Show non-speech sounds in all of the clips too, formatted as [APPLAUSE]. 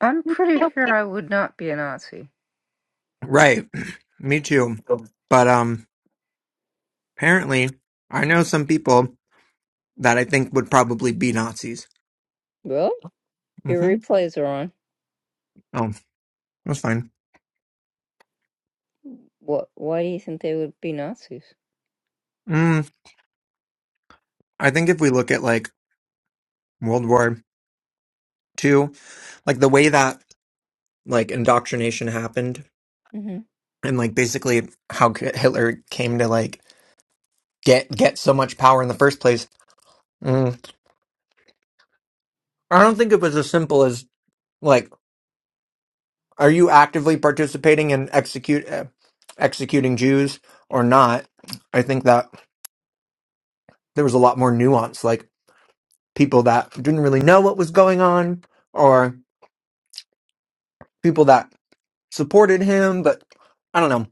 I'm pretty sure I would not be a Nazi. Right. [CLEARS THROAT] Me too. But um apparently I know some people that I think would probably be Nazis. Well, Your hmm replays are on. Oh, that's fine. What? Why do you think they would be Nazis? Mm, I think if we look at like World War Two, like the way that like indoctrination happened hmm and like basically how K- Hitler came to like get get so much power in the first place, mm, I don't think it was as simple as like are you actively participating in execute uh, executing Jews or not? I think that there was a lot more nuance, like people that didn't really know what was going on, or people that supported him, but I don't know.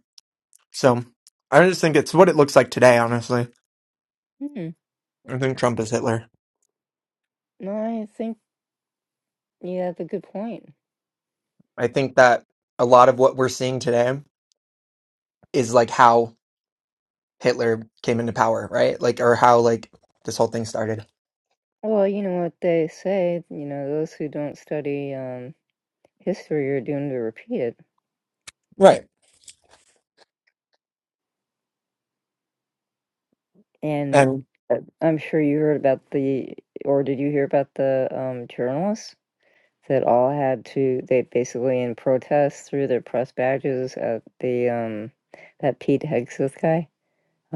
So I just think it's what it looks like today, honestly. Hmm. I think Trump is Hitler. No, I think you have a good point. I think that a lot of what we're seeing today is like how Hitler came into power, right? Like, or how like this whole thing started. Well, you know what they say. You know, those who don't study um, history are doomed to repeat it. Right. And And uh, I'm sure you heard about the, or did you hear about the um, journalists that all had to? They basically in protest threw their press badges at the um, that Pete Hegseth guy.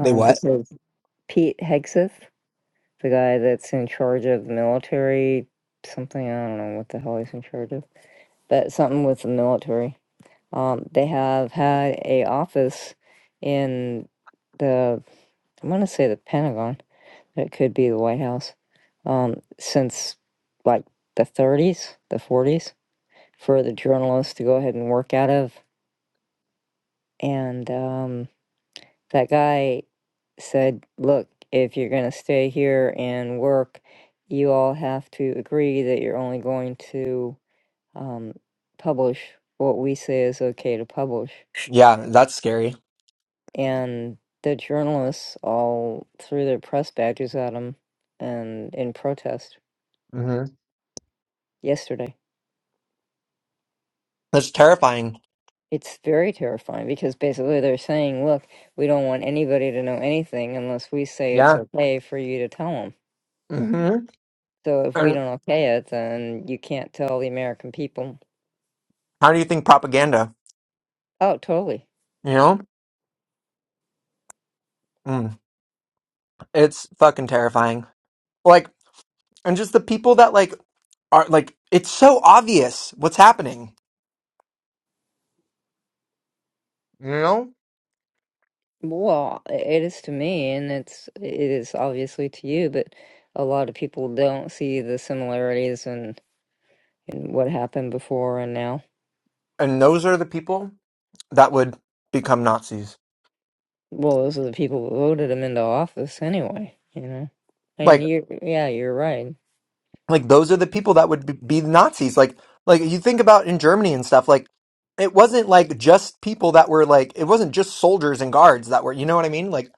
they what? because Pete Hegseth, the guy that's in charge of the military, something I don't know what the hell he's in charge of, but something with the military. Um, they have had a office in the I'm gonna say the Pentagon, but it could be the White House, um, since like the 30s, the 40s, for the journalists to go ahead and work out of. And um, that guy said, look, if you're going to stay here and work, you all have to agree that you're only going to um, publish what we say is okay to publish. Yeah, that's scary. And the journalists all threw their press badges at him and in protest hmm yesterday. That's terrifying. It's very terrifying because basically they're saying, look, we don't want anybody to know anything unless we say it's Yeah. okay for you to tell them. hmm So if we And don't okay it, then you can't tell the American people how do you think propaganda? Oh, totally. You know? Mm. It's fucking terrifying. Like, and just the people that like are like, it's so obvious what's happening, you know? Well, it is to me, and it's it is obviously to you, but a lot of people don't see the similarities in, in what happened before and now. And those are the people that would become Nazis. Well, those are the people who voted him into office anyway, you know. And Like, you, yeah, you're right. like those are the people that would be, be Nazis. Like, like you think about in Germany and stuff, like it wasn't like just people that were like, it wasn't just soldiers and guards that were, you know what I mean? Like,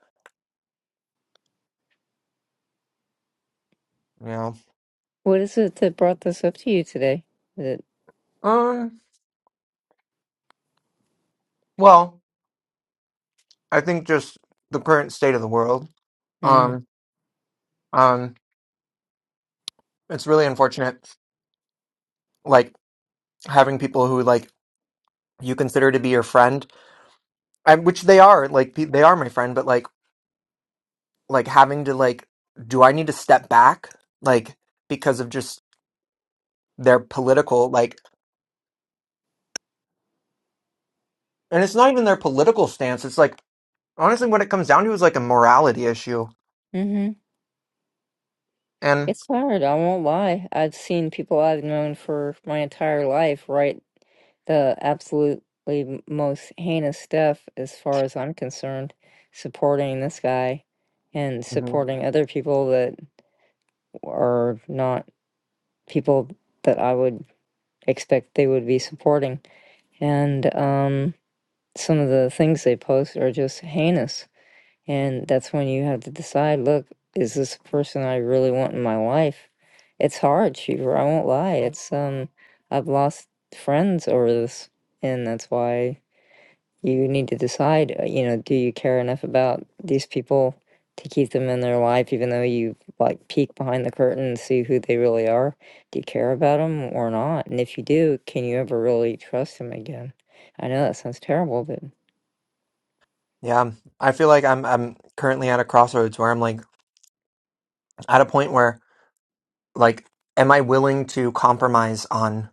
you know, What is it that brought this up to you today? That, um, well, I think just the current state of the world, mm, um, um, it's really unfortunate. Like, having people who like you consider to be your friend and which they are like pe- they are my friend but like like having to like do i need to step back like because of just their political like and it's not even their political stance it's like honestly what it comes down to is like a morality issue mm-hmm. and It's hard, I won't lie. I've seen people I've known for my entire life write the absolutely most heinous stuff, as far as I'm concerned, supporting this guy and Mhm. supporting other people that are not people that I would expect they would be supporting. And um, some of the things they post are just heinous. And that's when you have to decide look, is this a person I really want in my life? It's hard, Cheever. I won't lie. It's, um, I've lost friends over this, and that's why. you need to decide, uh, you know, do you care enough about these people to keep them in their life, even though you like peek behind the curtain and see who they really are? Do you care about them or not? And if you do, can you ever really trust them again? I know that sounds terrible, but yeah i feel like i'm i'm currently at a crossroads where i'm like at a point where like am i willing to compromise on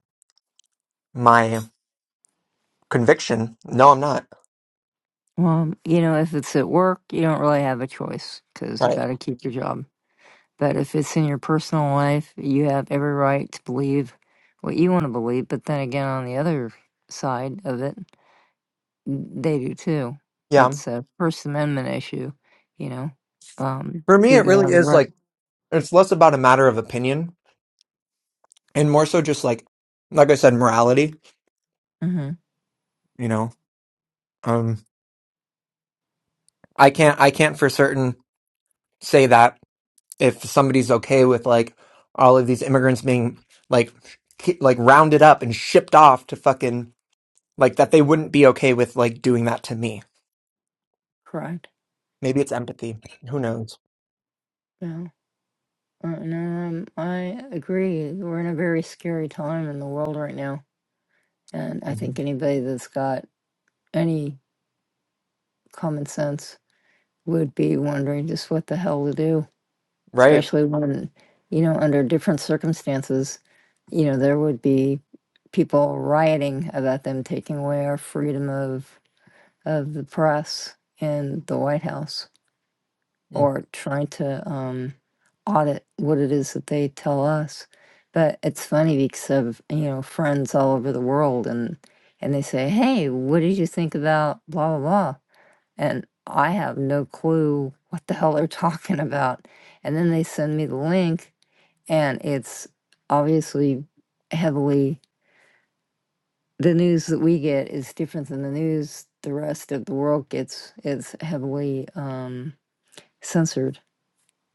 my conviction no i'm not well, you know, if it's at work, you don't really have a choice because you right got to keep your job. But if it's in your personal life, you have every right to believe what you want to believe. But then again, on the other side of it, They do too. yeah It's a First Amendment issue, you know. Um, for me do it they really have a is like right? it's less about a matter of opinion and more so just like like i said morality Mm-hmm. you know um i can't i can't for certain say that if somebody's okay with like all of these immigrants being like ki- like rounded up and shipped off to fucking like that they wouldn't be okay with like doing that to me Correct. maybe it's empathy who knows No. Uh, no, um, I agree. We're in a very scary time in the world right now, and I Mhm. think anybody that's got any common sense would be wondering just what the hell to do, right especially when, you know, under different circumstances, you know, there would be people rioting about them taking away our freedom of of the press and the White House or trying to um, audit what it is that they tell us. But it's funny because of you know friends all over the world and and they say, "Hey, what did you think about blah blah blah?" And I have no clue what the hell they're [LAUGHS] talking about. And then they send me the link, and it's obviously heavily the news that we get is different than the news the rest of the world gets. It's heavily um, censored.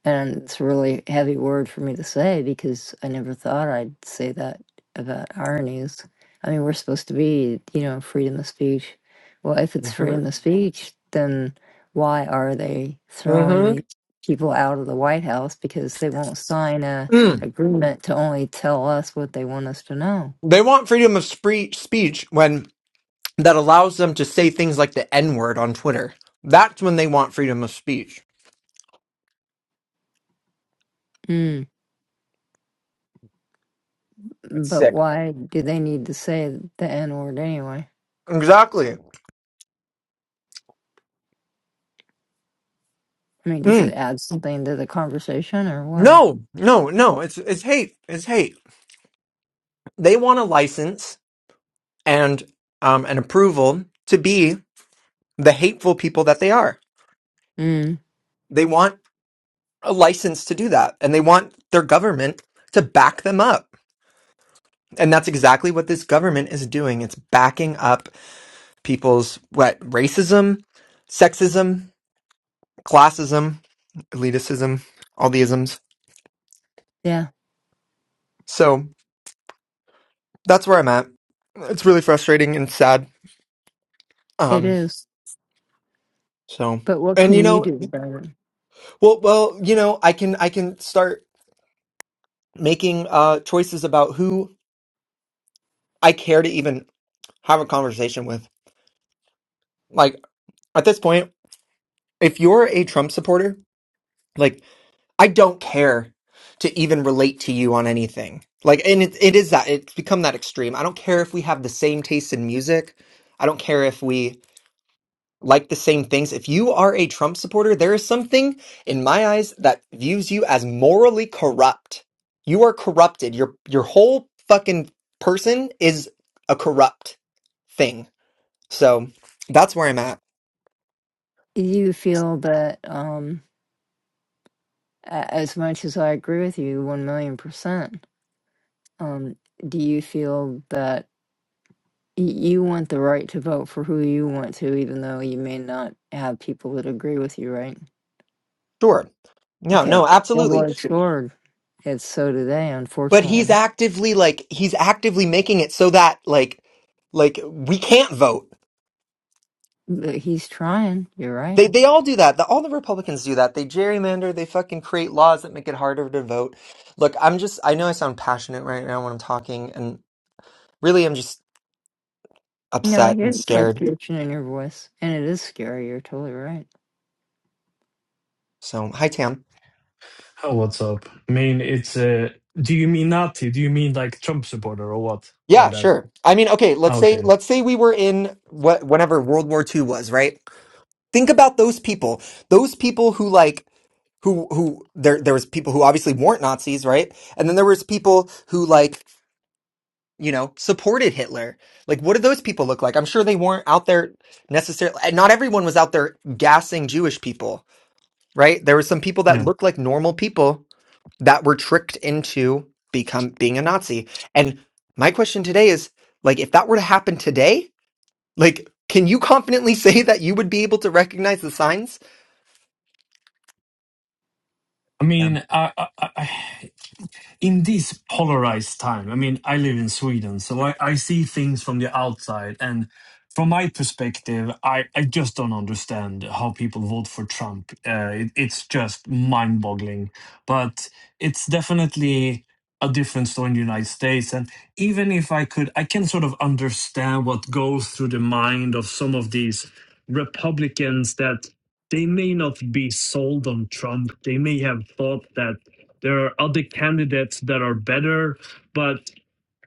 And it's a really heavy word for me to say because I never thought I'd say that about our news. I mean, we're supposed to be, you know, freedom of speech. Well, if it's hmm freedom of speech, then why are they throwing these hmm people out of the White House because they won't sign a agreement to only tell us what they want us to know? they want freedom of spree- speech when that allows them to say things like the N word on Twitter. That's when they want freedom of speech. Mm. That's But sick. why do they need to say the N word anyway? Exactly. I mean, does it Mm. add something to the conversation or what? No, no, no. It's it's hate. It's hate. They want a license and um an approval to be the hateful people that they are. Mm, They want a license to do that, and they want their government to back them up. And that's exactly what this government is doing. It's backing up people's what racism, sexism. classism, elitism, all the isms. yeah, So that's where I'm at. It's really frustrating and sad. it Um, is. so But what and you can you know, do about it? well, well, you know, I can I can start making uh choices about who I care to even have a conversation with. Like at this point, if you're a Trump supporter, like I don't care to even relate to you on anything. Like, and it, it is that it's become that extreme. I don't care if we have the same taste in music. I don't care if we like the same things. If you are a Trump supporter, there is something in my eyes that views you as morally corrupt. You are corrupted. Your your whole fucking person is a corrupt thing. So that's where I'm at. You feel that, um, a- as much as I agree with you, 1 million percent, um, do you feel that y- you want the right to vote for who you want to, even though you may not have people that agree with you, right? Sure. No, Okay, no, double absolutely. edged sword. It's so today, But he's unfortunately. actively like he's actively making it so that like like we can't vote But he's trying. You're right. They they all do that. The, all the Republicans do that. They gerrymander. They fucking create laws that make it harder to vote. Look, I'm just. I know I sound passionate right now when I'm talking, and really, I'm just No, I upset hear and the scared. frustration in your voice, and it is scary. You're totally right. So, hi Tam. Oh, what's up? I mean, it's uh, do you mean Nazi? Do you mean like Trump supporter or what by Yeah, that? sure. I mean, okay. Ah, Let's say Okay, let's say we were in what whenever World War II was, right? Think about those people. Those people who like who who there there was people who obviously weren't Nazis, right? And then there was people who like you know, supported Hitler. Like, what did those people look like? I'm sure they weren't out there necessarily. and Not everyone was out there gassing Jewish people, right? There were some people that yeah. looked like normal people that were tricked into become being a Nazi. And my question today is, like, if that were to happen today, like, can you confidently [LAUGHS] say that you would be able to recognize the signs? I mean, I, I, I in this polarized time, I mean, I live in Sweden, so I, I see things from the outside. And from my perspective, I, I just don't understand how people vote for Trump. Uh, it, it's just mind boggling. But it's definitely a different story in the United States. And even if I could, I can sort of understand what goes through the mind of some of these Republicans that they may not be sold on Trump. They may have thought that there are other candidates that are better, but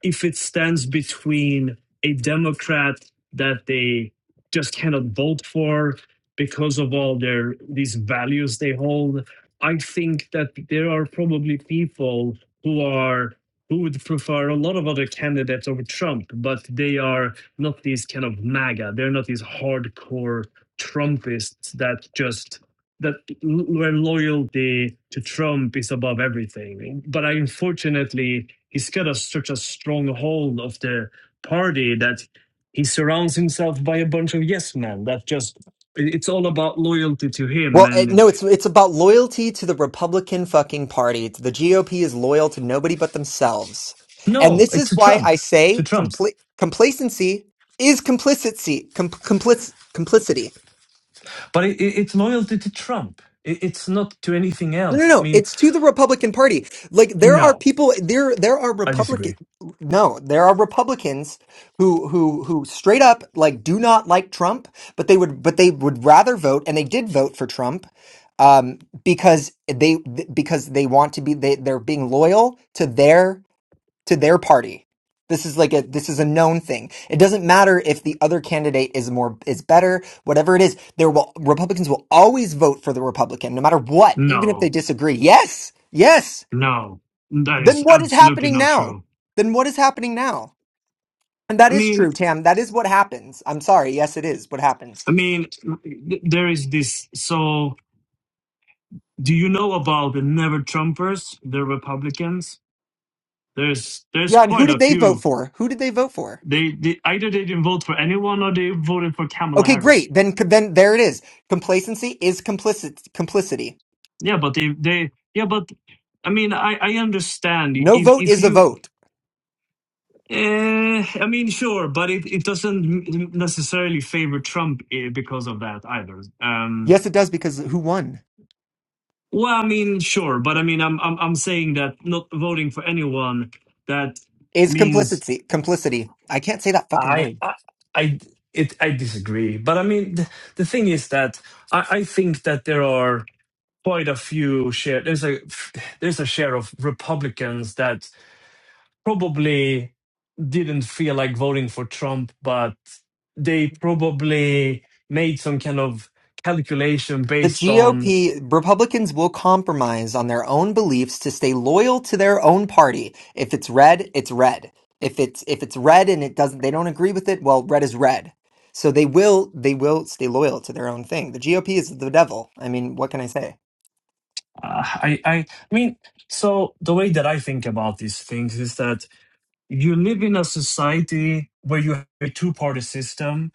if it stands between a Democrat that they just cannot vote for because of all their these values they hold, I think that there are probably people who are who would prefer a lot of other candidates over Trump, but they are not these kind of MAGA. They're not these hardcore Trumpists that just that where loyalty to Trump is above everything. But unfortunately, he's got a, such a strong hold of the party that he surrounds himself by a bunch of yes men that just it's all about loyalty to him Well, it, and no, it's it's about loyalty to the Republican fucking party. The GOP is loyal to nobody but themselves, and No, this it's is to why I Trump. To say Trump. compl- complacency is complicity. Com- complic- complicity. But it, it, it's loyalty to Trump. It, it's not to anything No, no, else. I no. mean, It's to the Republican Party. Like there are no, people there there are I Republican disagree. No, there are Republicans who who who straight up like do not like Trump, but they would but they would rather vote and they did vote for Trump um because they because they want to be they they're being loyal to their to their party. This is like a this is a known thing. It doesn't matter if the other candidate is more is better, whatever it is. There will Republicans will always vote for the Republican no matter what, even if no they disagree. Yes. Yes. no that is Then what is absolutely happening not now? true Then what is happening now? And that i is mean true, Tam. That is what happens. I'm sorry. Yes, it is what happens. I mean, th- there is this. So, do you know about the Never Trumpers, the Republicans? There's there's Yeah, and who quite a did they few. vote for? Who did they vote for? They, they either they didn't vote for anyone or they voted for Kamala Okay, Harris. great. Then then there it is. Complacency is complicit complicity. Yeah, but they they yeah, but I mean, I I understand No if vote if is a you. vote. Uh, I mean, sure, but it, it doesn't necessarily favor Trump eh, because of that either. Um, Yes, it does because who won? Well, I mean, sure, but I mean, I'm I'm I'm saying that not voting for anyone that is means complicity. Complicity. I can't say that fucking I word. I I it I disagree. But I mean, the, the thing is that I I think that there are quite a few share there's a there's a share of Republicans that probably didn't feel like voting for Trump, but they probably made some kind of calculation The based on GOP Republicans will compromise on their own beliefs to stay loyal to their own party. If it's red, it's red. If it's if it's red and it doesn't they don't agree with it, well, red is red. So they will they will stay loyal to their own thing. The GOP is the devil. I mean, what can I say? Uh, I, I, I mean, so the way that I think about these things is that you live in a society where you have a two party system,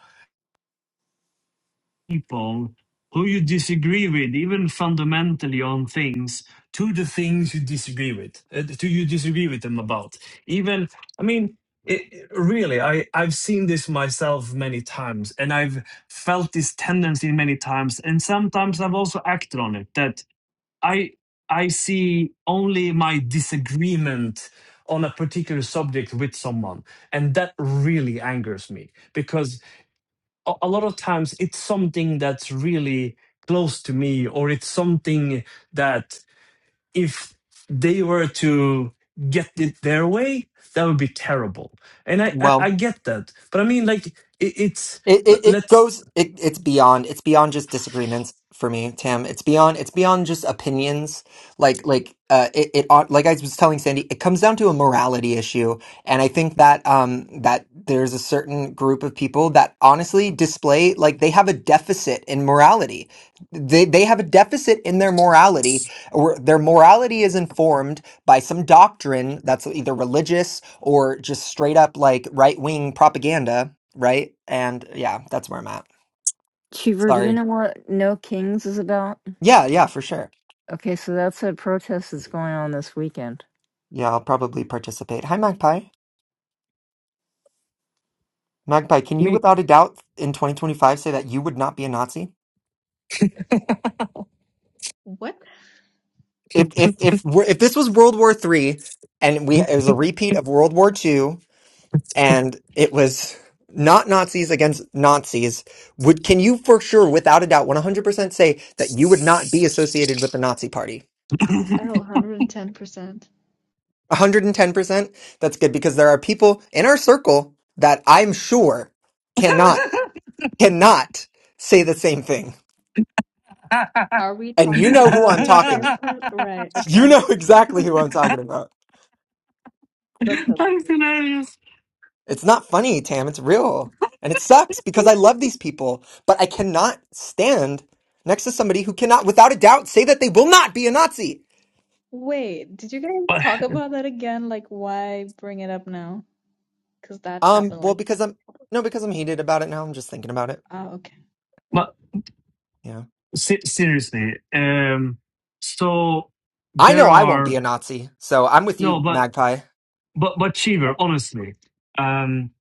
people who you disagree with, even fundamentally on things, to the things you disagree with, uh, to you disagree with them about. Even, I mean, it, it- really, I, I've seen this myself many times and I've felt this tendency many times. And sometimes I've also acted on it that I I see only my disagreement on a particular subject with someone, and that really angers me because a, a lot of times it's something that's really close to me, or it's something that if they were to get it their way, that would be terrible. And I I, Well, I get that, but I mean like it, it's It, l- it it let's goes it it's beyond it's beyond just disagreements for me, Tam. It's beyond it's beyond just opinions. Like like uh it, it ought- like I was telling Sandy, it comes down to a morality issue. And I think that um that there's a certain group of people that honestly display like they have a deficit in morality. They they have a deficit in their morality or their morality is informed by some doctrine that's either religious or just straight up like right-wing propaganda right? And yeah, that's where I'm at. Cheever, do you Sorry. know what No Kings is about? Yeah, yeah, for sure. Okay, so that's a protest that's going on this weekend. Yeah, I'll probably participate. Hi, Magpie. Magpie, can I you, mean without a doubt, in 2025, say that you would not be a Nazi? What? If if if we're, if this was World War Three and we it was a repeat of World War Two and it was not Nazis against Nazis, would can you for sure, without a doubt, 100% say that you would not be associated with the Nazi Party? Oh, 110%. 110%. That's good because there are people in our circle that I'm sure cannot, cannot say the same thing. Are we And you talking know who about I'm the talking. same [LAUGHS] person? Right, You okay. know [LAUGHS] exactly who I'm talking about. [LAUGHS] Let's hope. that's hilarious. It's not funny, Tam. It's real. And it sucks because I love these people, but I cannot stand next to somebody who cannot, without a doubt, say that they will not be a Nazi. Wait, did you guys But. talk about that again? Like, why bring it up now? Because that Um, happened, well, like, because I'm, no, because I'm heated about it now. I'm just thinking about it. ah, okay. my, Yeah. Se- seriously. Um, so I there know I won't be are a Nazi. So I'm with no, you, but Magpie. but but Cheever, honestly, um,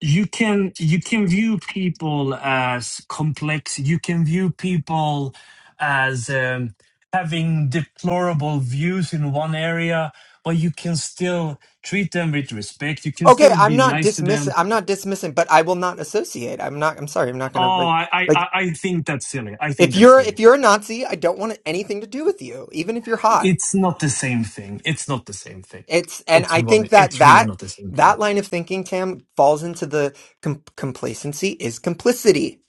you can you can view people as complex. You can view people as um, having deplorable views in one area, but you can still treat them with respect. You can Okay, still I'm be not nice to them. dismissing. I'm not dismissing, but I will not associate. I'm not. I'm sorry. I'm not Oh, gonna like I I like I I think that's silly. I think if that's you're silly if you're a Nazi, I don't want anything to do with you, even if you're hot. It's not the same thing. It's not the same thing. It's and It's I really, think that it's really that not the same thing. that line of thinking, Tam, falls into the com- complacency is complicity,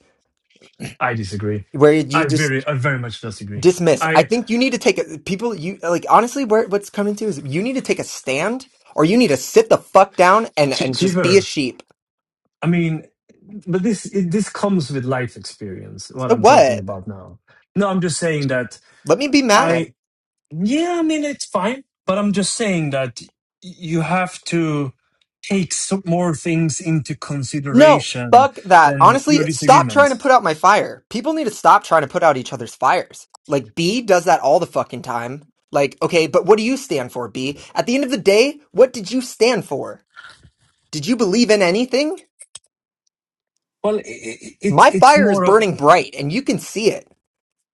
I disagree. where you I very, just I very much disagree. dismiss. I I, think you need to take a people. You like honestly, where what's coming to is you need to take a stand, or you need to sit the fuck down and Ch- and just be a Chiver, sheep. I mean, but this, it, this comes with life experience. What So I'm talking what? about now. No, I'm just saying that Let me be mad. I, yeah, I mean, it's fine, but I'm just saying that y- you have to take some more things into No, consideration fuck that. than your Honestly, stop trying to disagreement. put out my fire. People need to stop trying to put out each other's fires. Like, B does that all the fucking time. Like, okay, but what do you stand for, B? At the end of the day, what did you stand for? Did you believe in anything? Well, i i it's, My it's fire is more of, burning bright, and you can see it,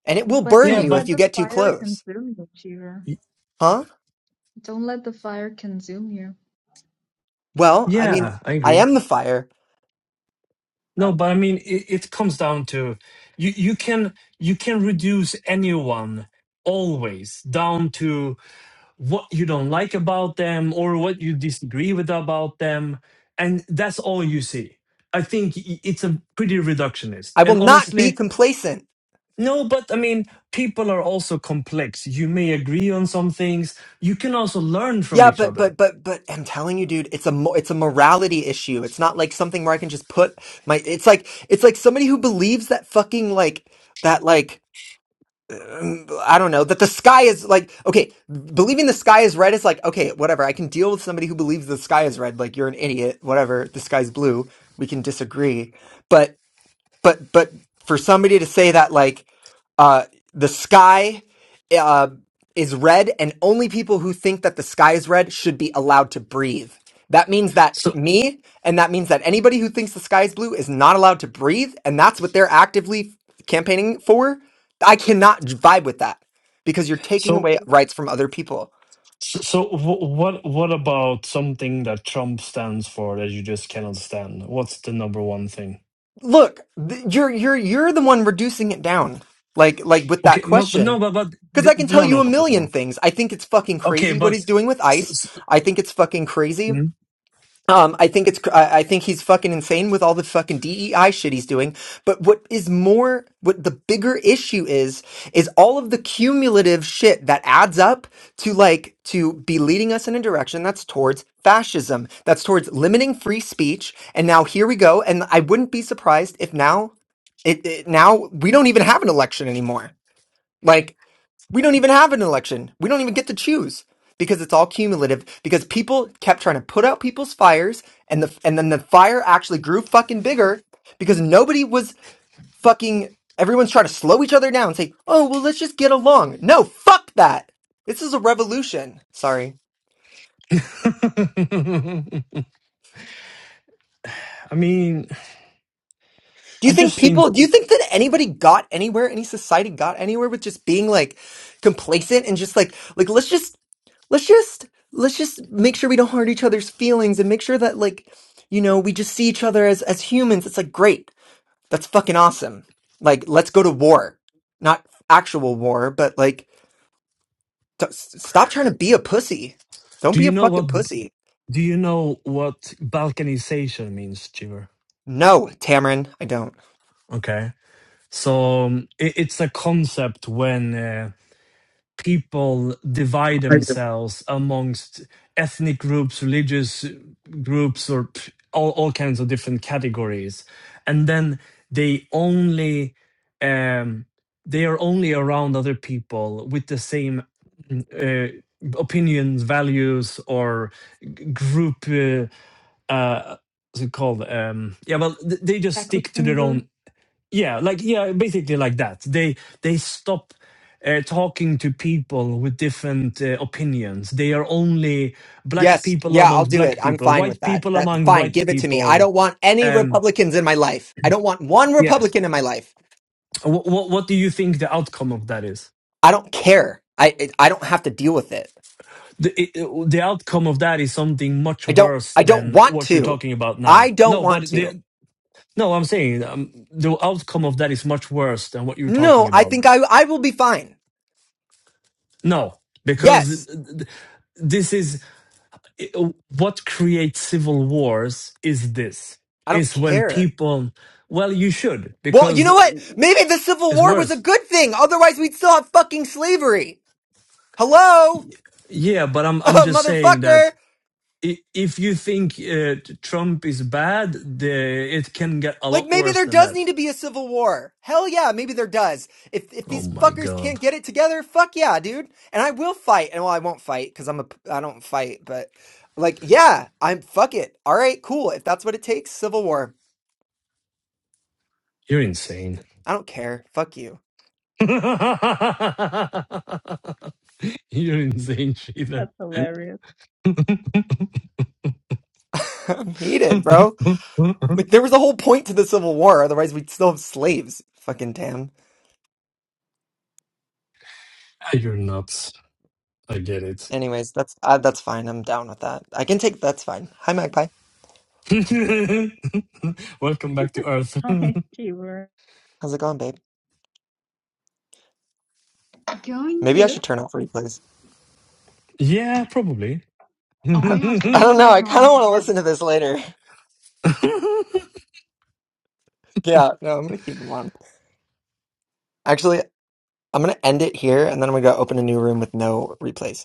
and it will But burn yeah, don't you but if let you the get too fire close. consume you, Cheever. Huh? Don't let the fire consume you. Well, I mean, Yeah, I I agree. am the fire. No, Oh, but I mean, it, it comes down to you, you can you can reduce anyone always down to what you don't like about them or what you disagree with about them, and that's all you see. I think i- it's a pretty reductionist. I will And not be honestly, complacent. no, but I mean, people are also complex. You may agree on some things. You can also learn from Yeah, each but other. but but but I'm telling you, dude, it's a mo- it's a morality issue. It's not like something where I can just put my. It's like it's like somebody who believes that fucking like that like um, I don't know that the sky is like okay, believing the sky is red is like okay, whatever. I can deal with somebody who believes the sky is red. Like you're an idiot, whatever. The sky's blue. We can disagree, but but but for somebody to say that like uh the sky uh is red and only people who think that the sky is red should be allowed to breathe that means that So, me and that means that anybody who thinks the sky is blue is not allowed to breathe and that's what they're actively campaigning for i cannot vibe with that because you're taking so away rights from other people So, so wh- what what about something that Trump stands for that you just cannot stand? What's the number one thing? look th- you're you're you're the one reducing it down like like with that Okay, mo- but question no, but but Because I th- can tell no, no, you a no, no, million no. things. I think it's fucking Okay, crazy what but he's doing with s- ICE. s- I think it's fucking crazy. hmm? Um, I think it's, cr- I I think he's fucking insane with all the fucking DEI shit he's doing. But what is more, what the bigger issue is, is all of the cumulative shit that adds up to like, to be leading us in a direction that's towards fascism, that's towards limiting free speech. And now here we go. And I wouldn't be surprised if now, it, it now we don't even have an election anymore. Like, we don't even have an election. We don't even get to choose because it's all cumulative because people kept trying to put out people's fires and the and then the fire actually grew fucking bigger because nobody was fucking everyone's trying to slow each other down and say, "Oh, well, let's just get along." No, fuck that. This is a revolution. Sorry. [LAUGHS] I mean, Do you I think just think. people, do you think that anybody got anywhere, any society got anywhere with just being like complacent and just like, like, let's just, let's just, let's just make sure we don't hurt each other's feelings and make sure that like, you know, we just see each other as, as humans. It's like, great. That's fucking awesome. Like, let's go to war. Not actual war, but like, t- s- stop trying to be a pussy. Don't Do be a you know what? fucking pussy. Do you know what balkanization means, Chiver? No, Tamron, I don't. Okay, so um, it, it's a concept when. Uh, people divide themselves amongst ethnic groups, religious groups, or all, all kinds of different categories. And then they only um, they are only around other people with the same uh, opinions, values, or g- group. Uh, uh, what's it called? Um, yeah, well, th- they just echo stick to their own chamber? yeah like yeah basically like that they they stop uh, talking to people with different uh, opinions they are only black Yes. people Yeah, I'll amongst do it. black I'm people fine with white that. people That among fine. white Give it to me. I people don't want any um Republicans in my life. I don't want one yeah Republican in my life. what what, what do you think the outcome of that is I don't care. I it, I don't have to deal with it. the it- the outcome of that is something much I don't worse I don't than want what you're to. talking about now I don't no want but to. the no i'm saying um, the outcome of that is much worse than what you're No, talking I about think I I will be fine. no because Yes. th- th- this is it- what creates civil wars is this I don't is when care. people well you should Well, you because know what? Maybe the Civil it's War was a worse good thing. Otherwise, we'd still have fucking slavery. Hello? yeah but i'm [LAUGHS] i'm just saying motherfucker. that i- if you think uh, trump is bad the it can get a Like lot maybe worse there than does that need to be a civil war. Hell yeah, maybe there does. If if oh these my fuckers god can't get it together, fuck yeah, dude. And I will fight. And well, I won't fight because I'm a p- I don't fight. But like, yeah, I'm fuck it. All right, cool. If that's what it takes, civil war. you're insane I don't care. Fuck you. [LAUGHS] you're insane sheila That's hilarious. [LAUGHS] I'm heated, bro. [LAUGHS] Like there was a whole point to the civil war. Otherwise, we'd still have slaves. Fucking damn. you're nuts i get it Anyways, that's uh, that's fine. I'm down with that. I can take that's fine. Hi, Magpie. [LAUGHS] welcome back to earth [LAUGHS] Hi, Cheever. How's it going, babe? Going Maybe I good. should turn off replays. [LAUGHS] yeah probably Oh I my gosh, the I Who don't know. replays I are kind of on want to again. listen to this later. [LAUGHS] Yeah, no, I'm gonna keep them on. Actually, I'm gonna end it here, and then I'm gonna go open a new room with no replays.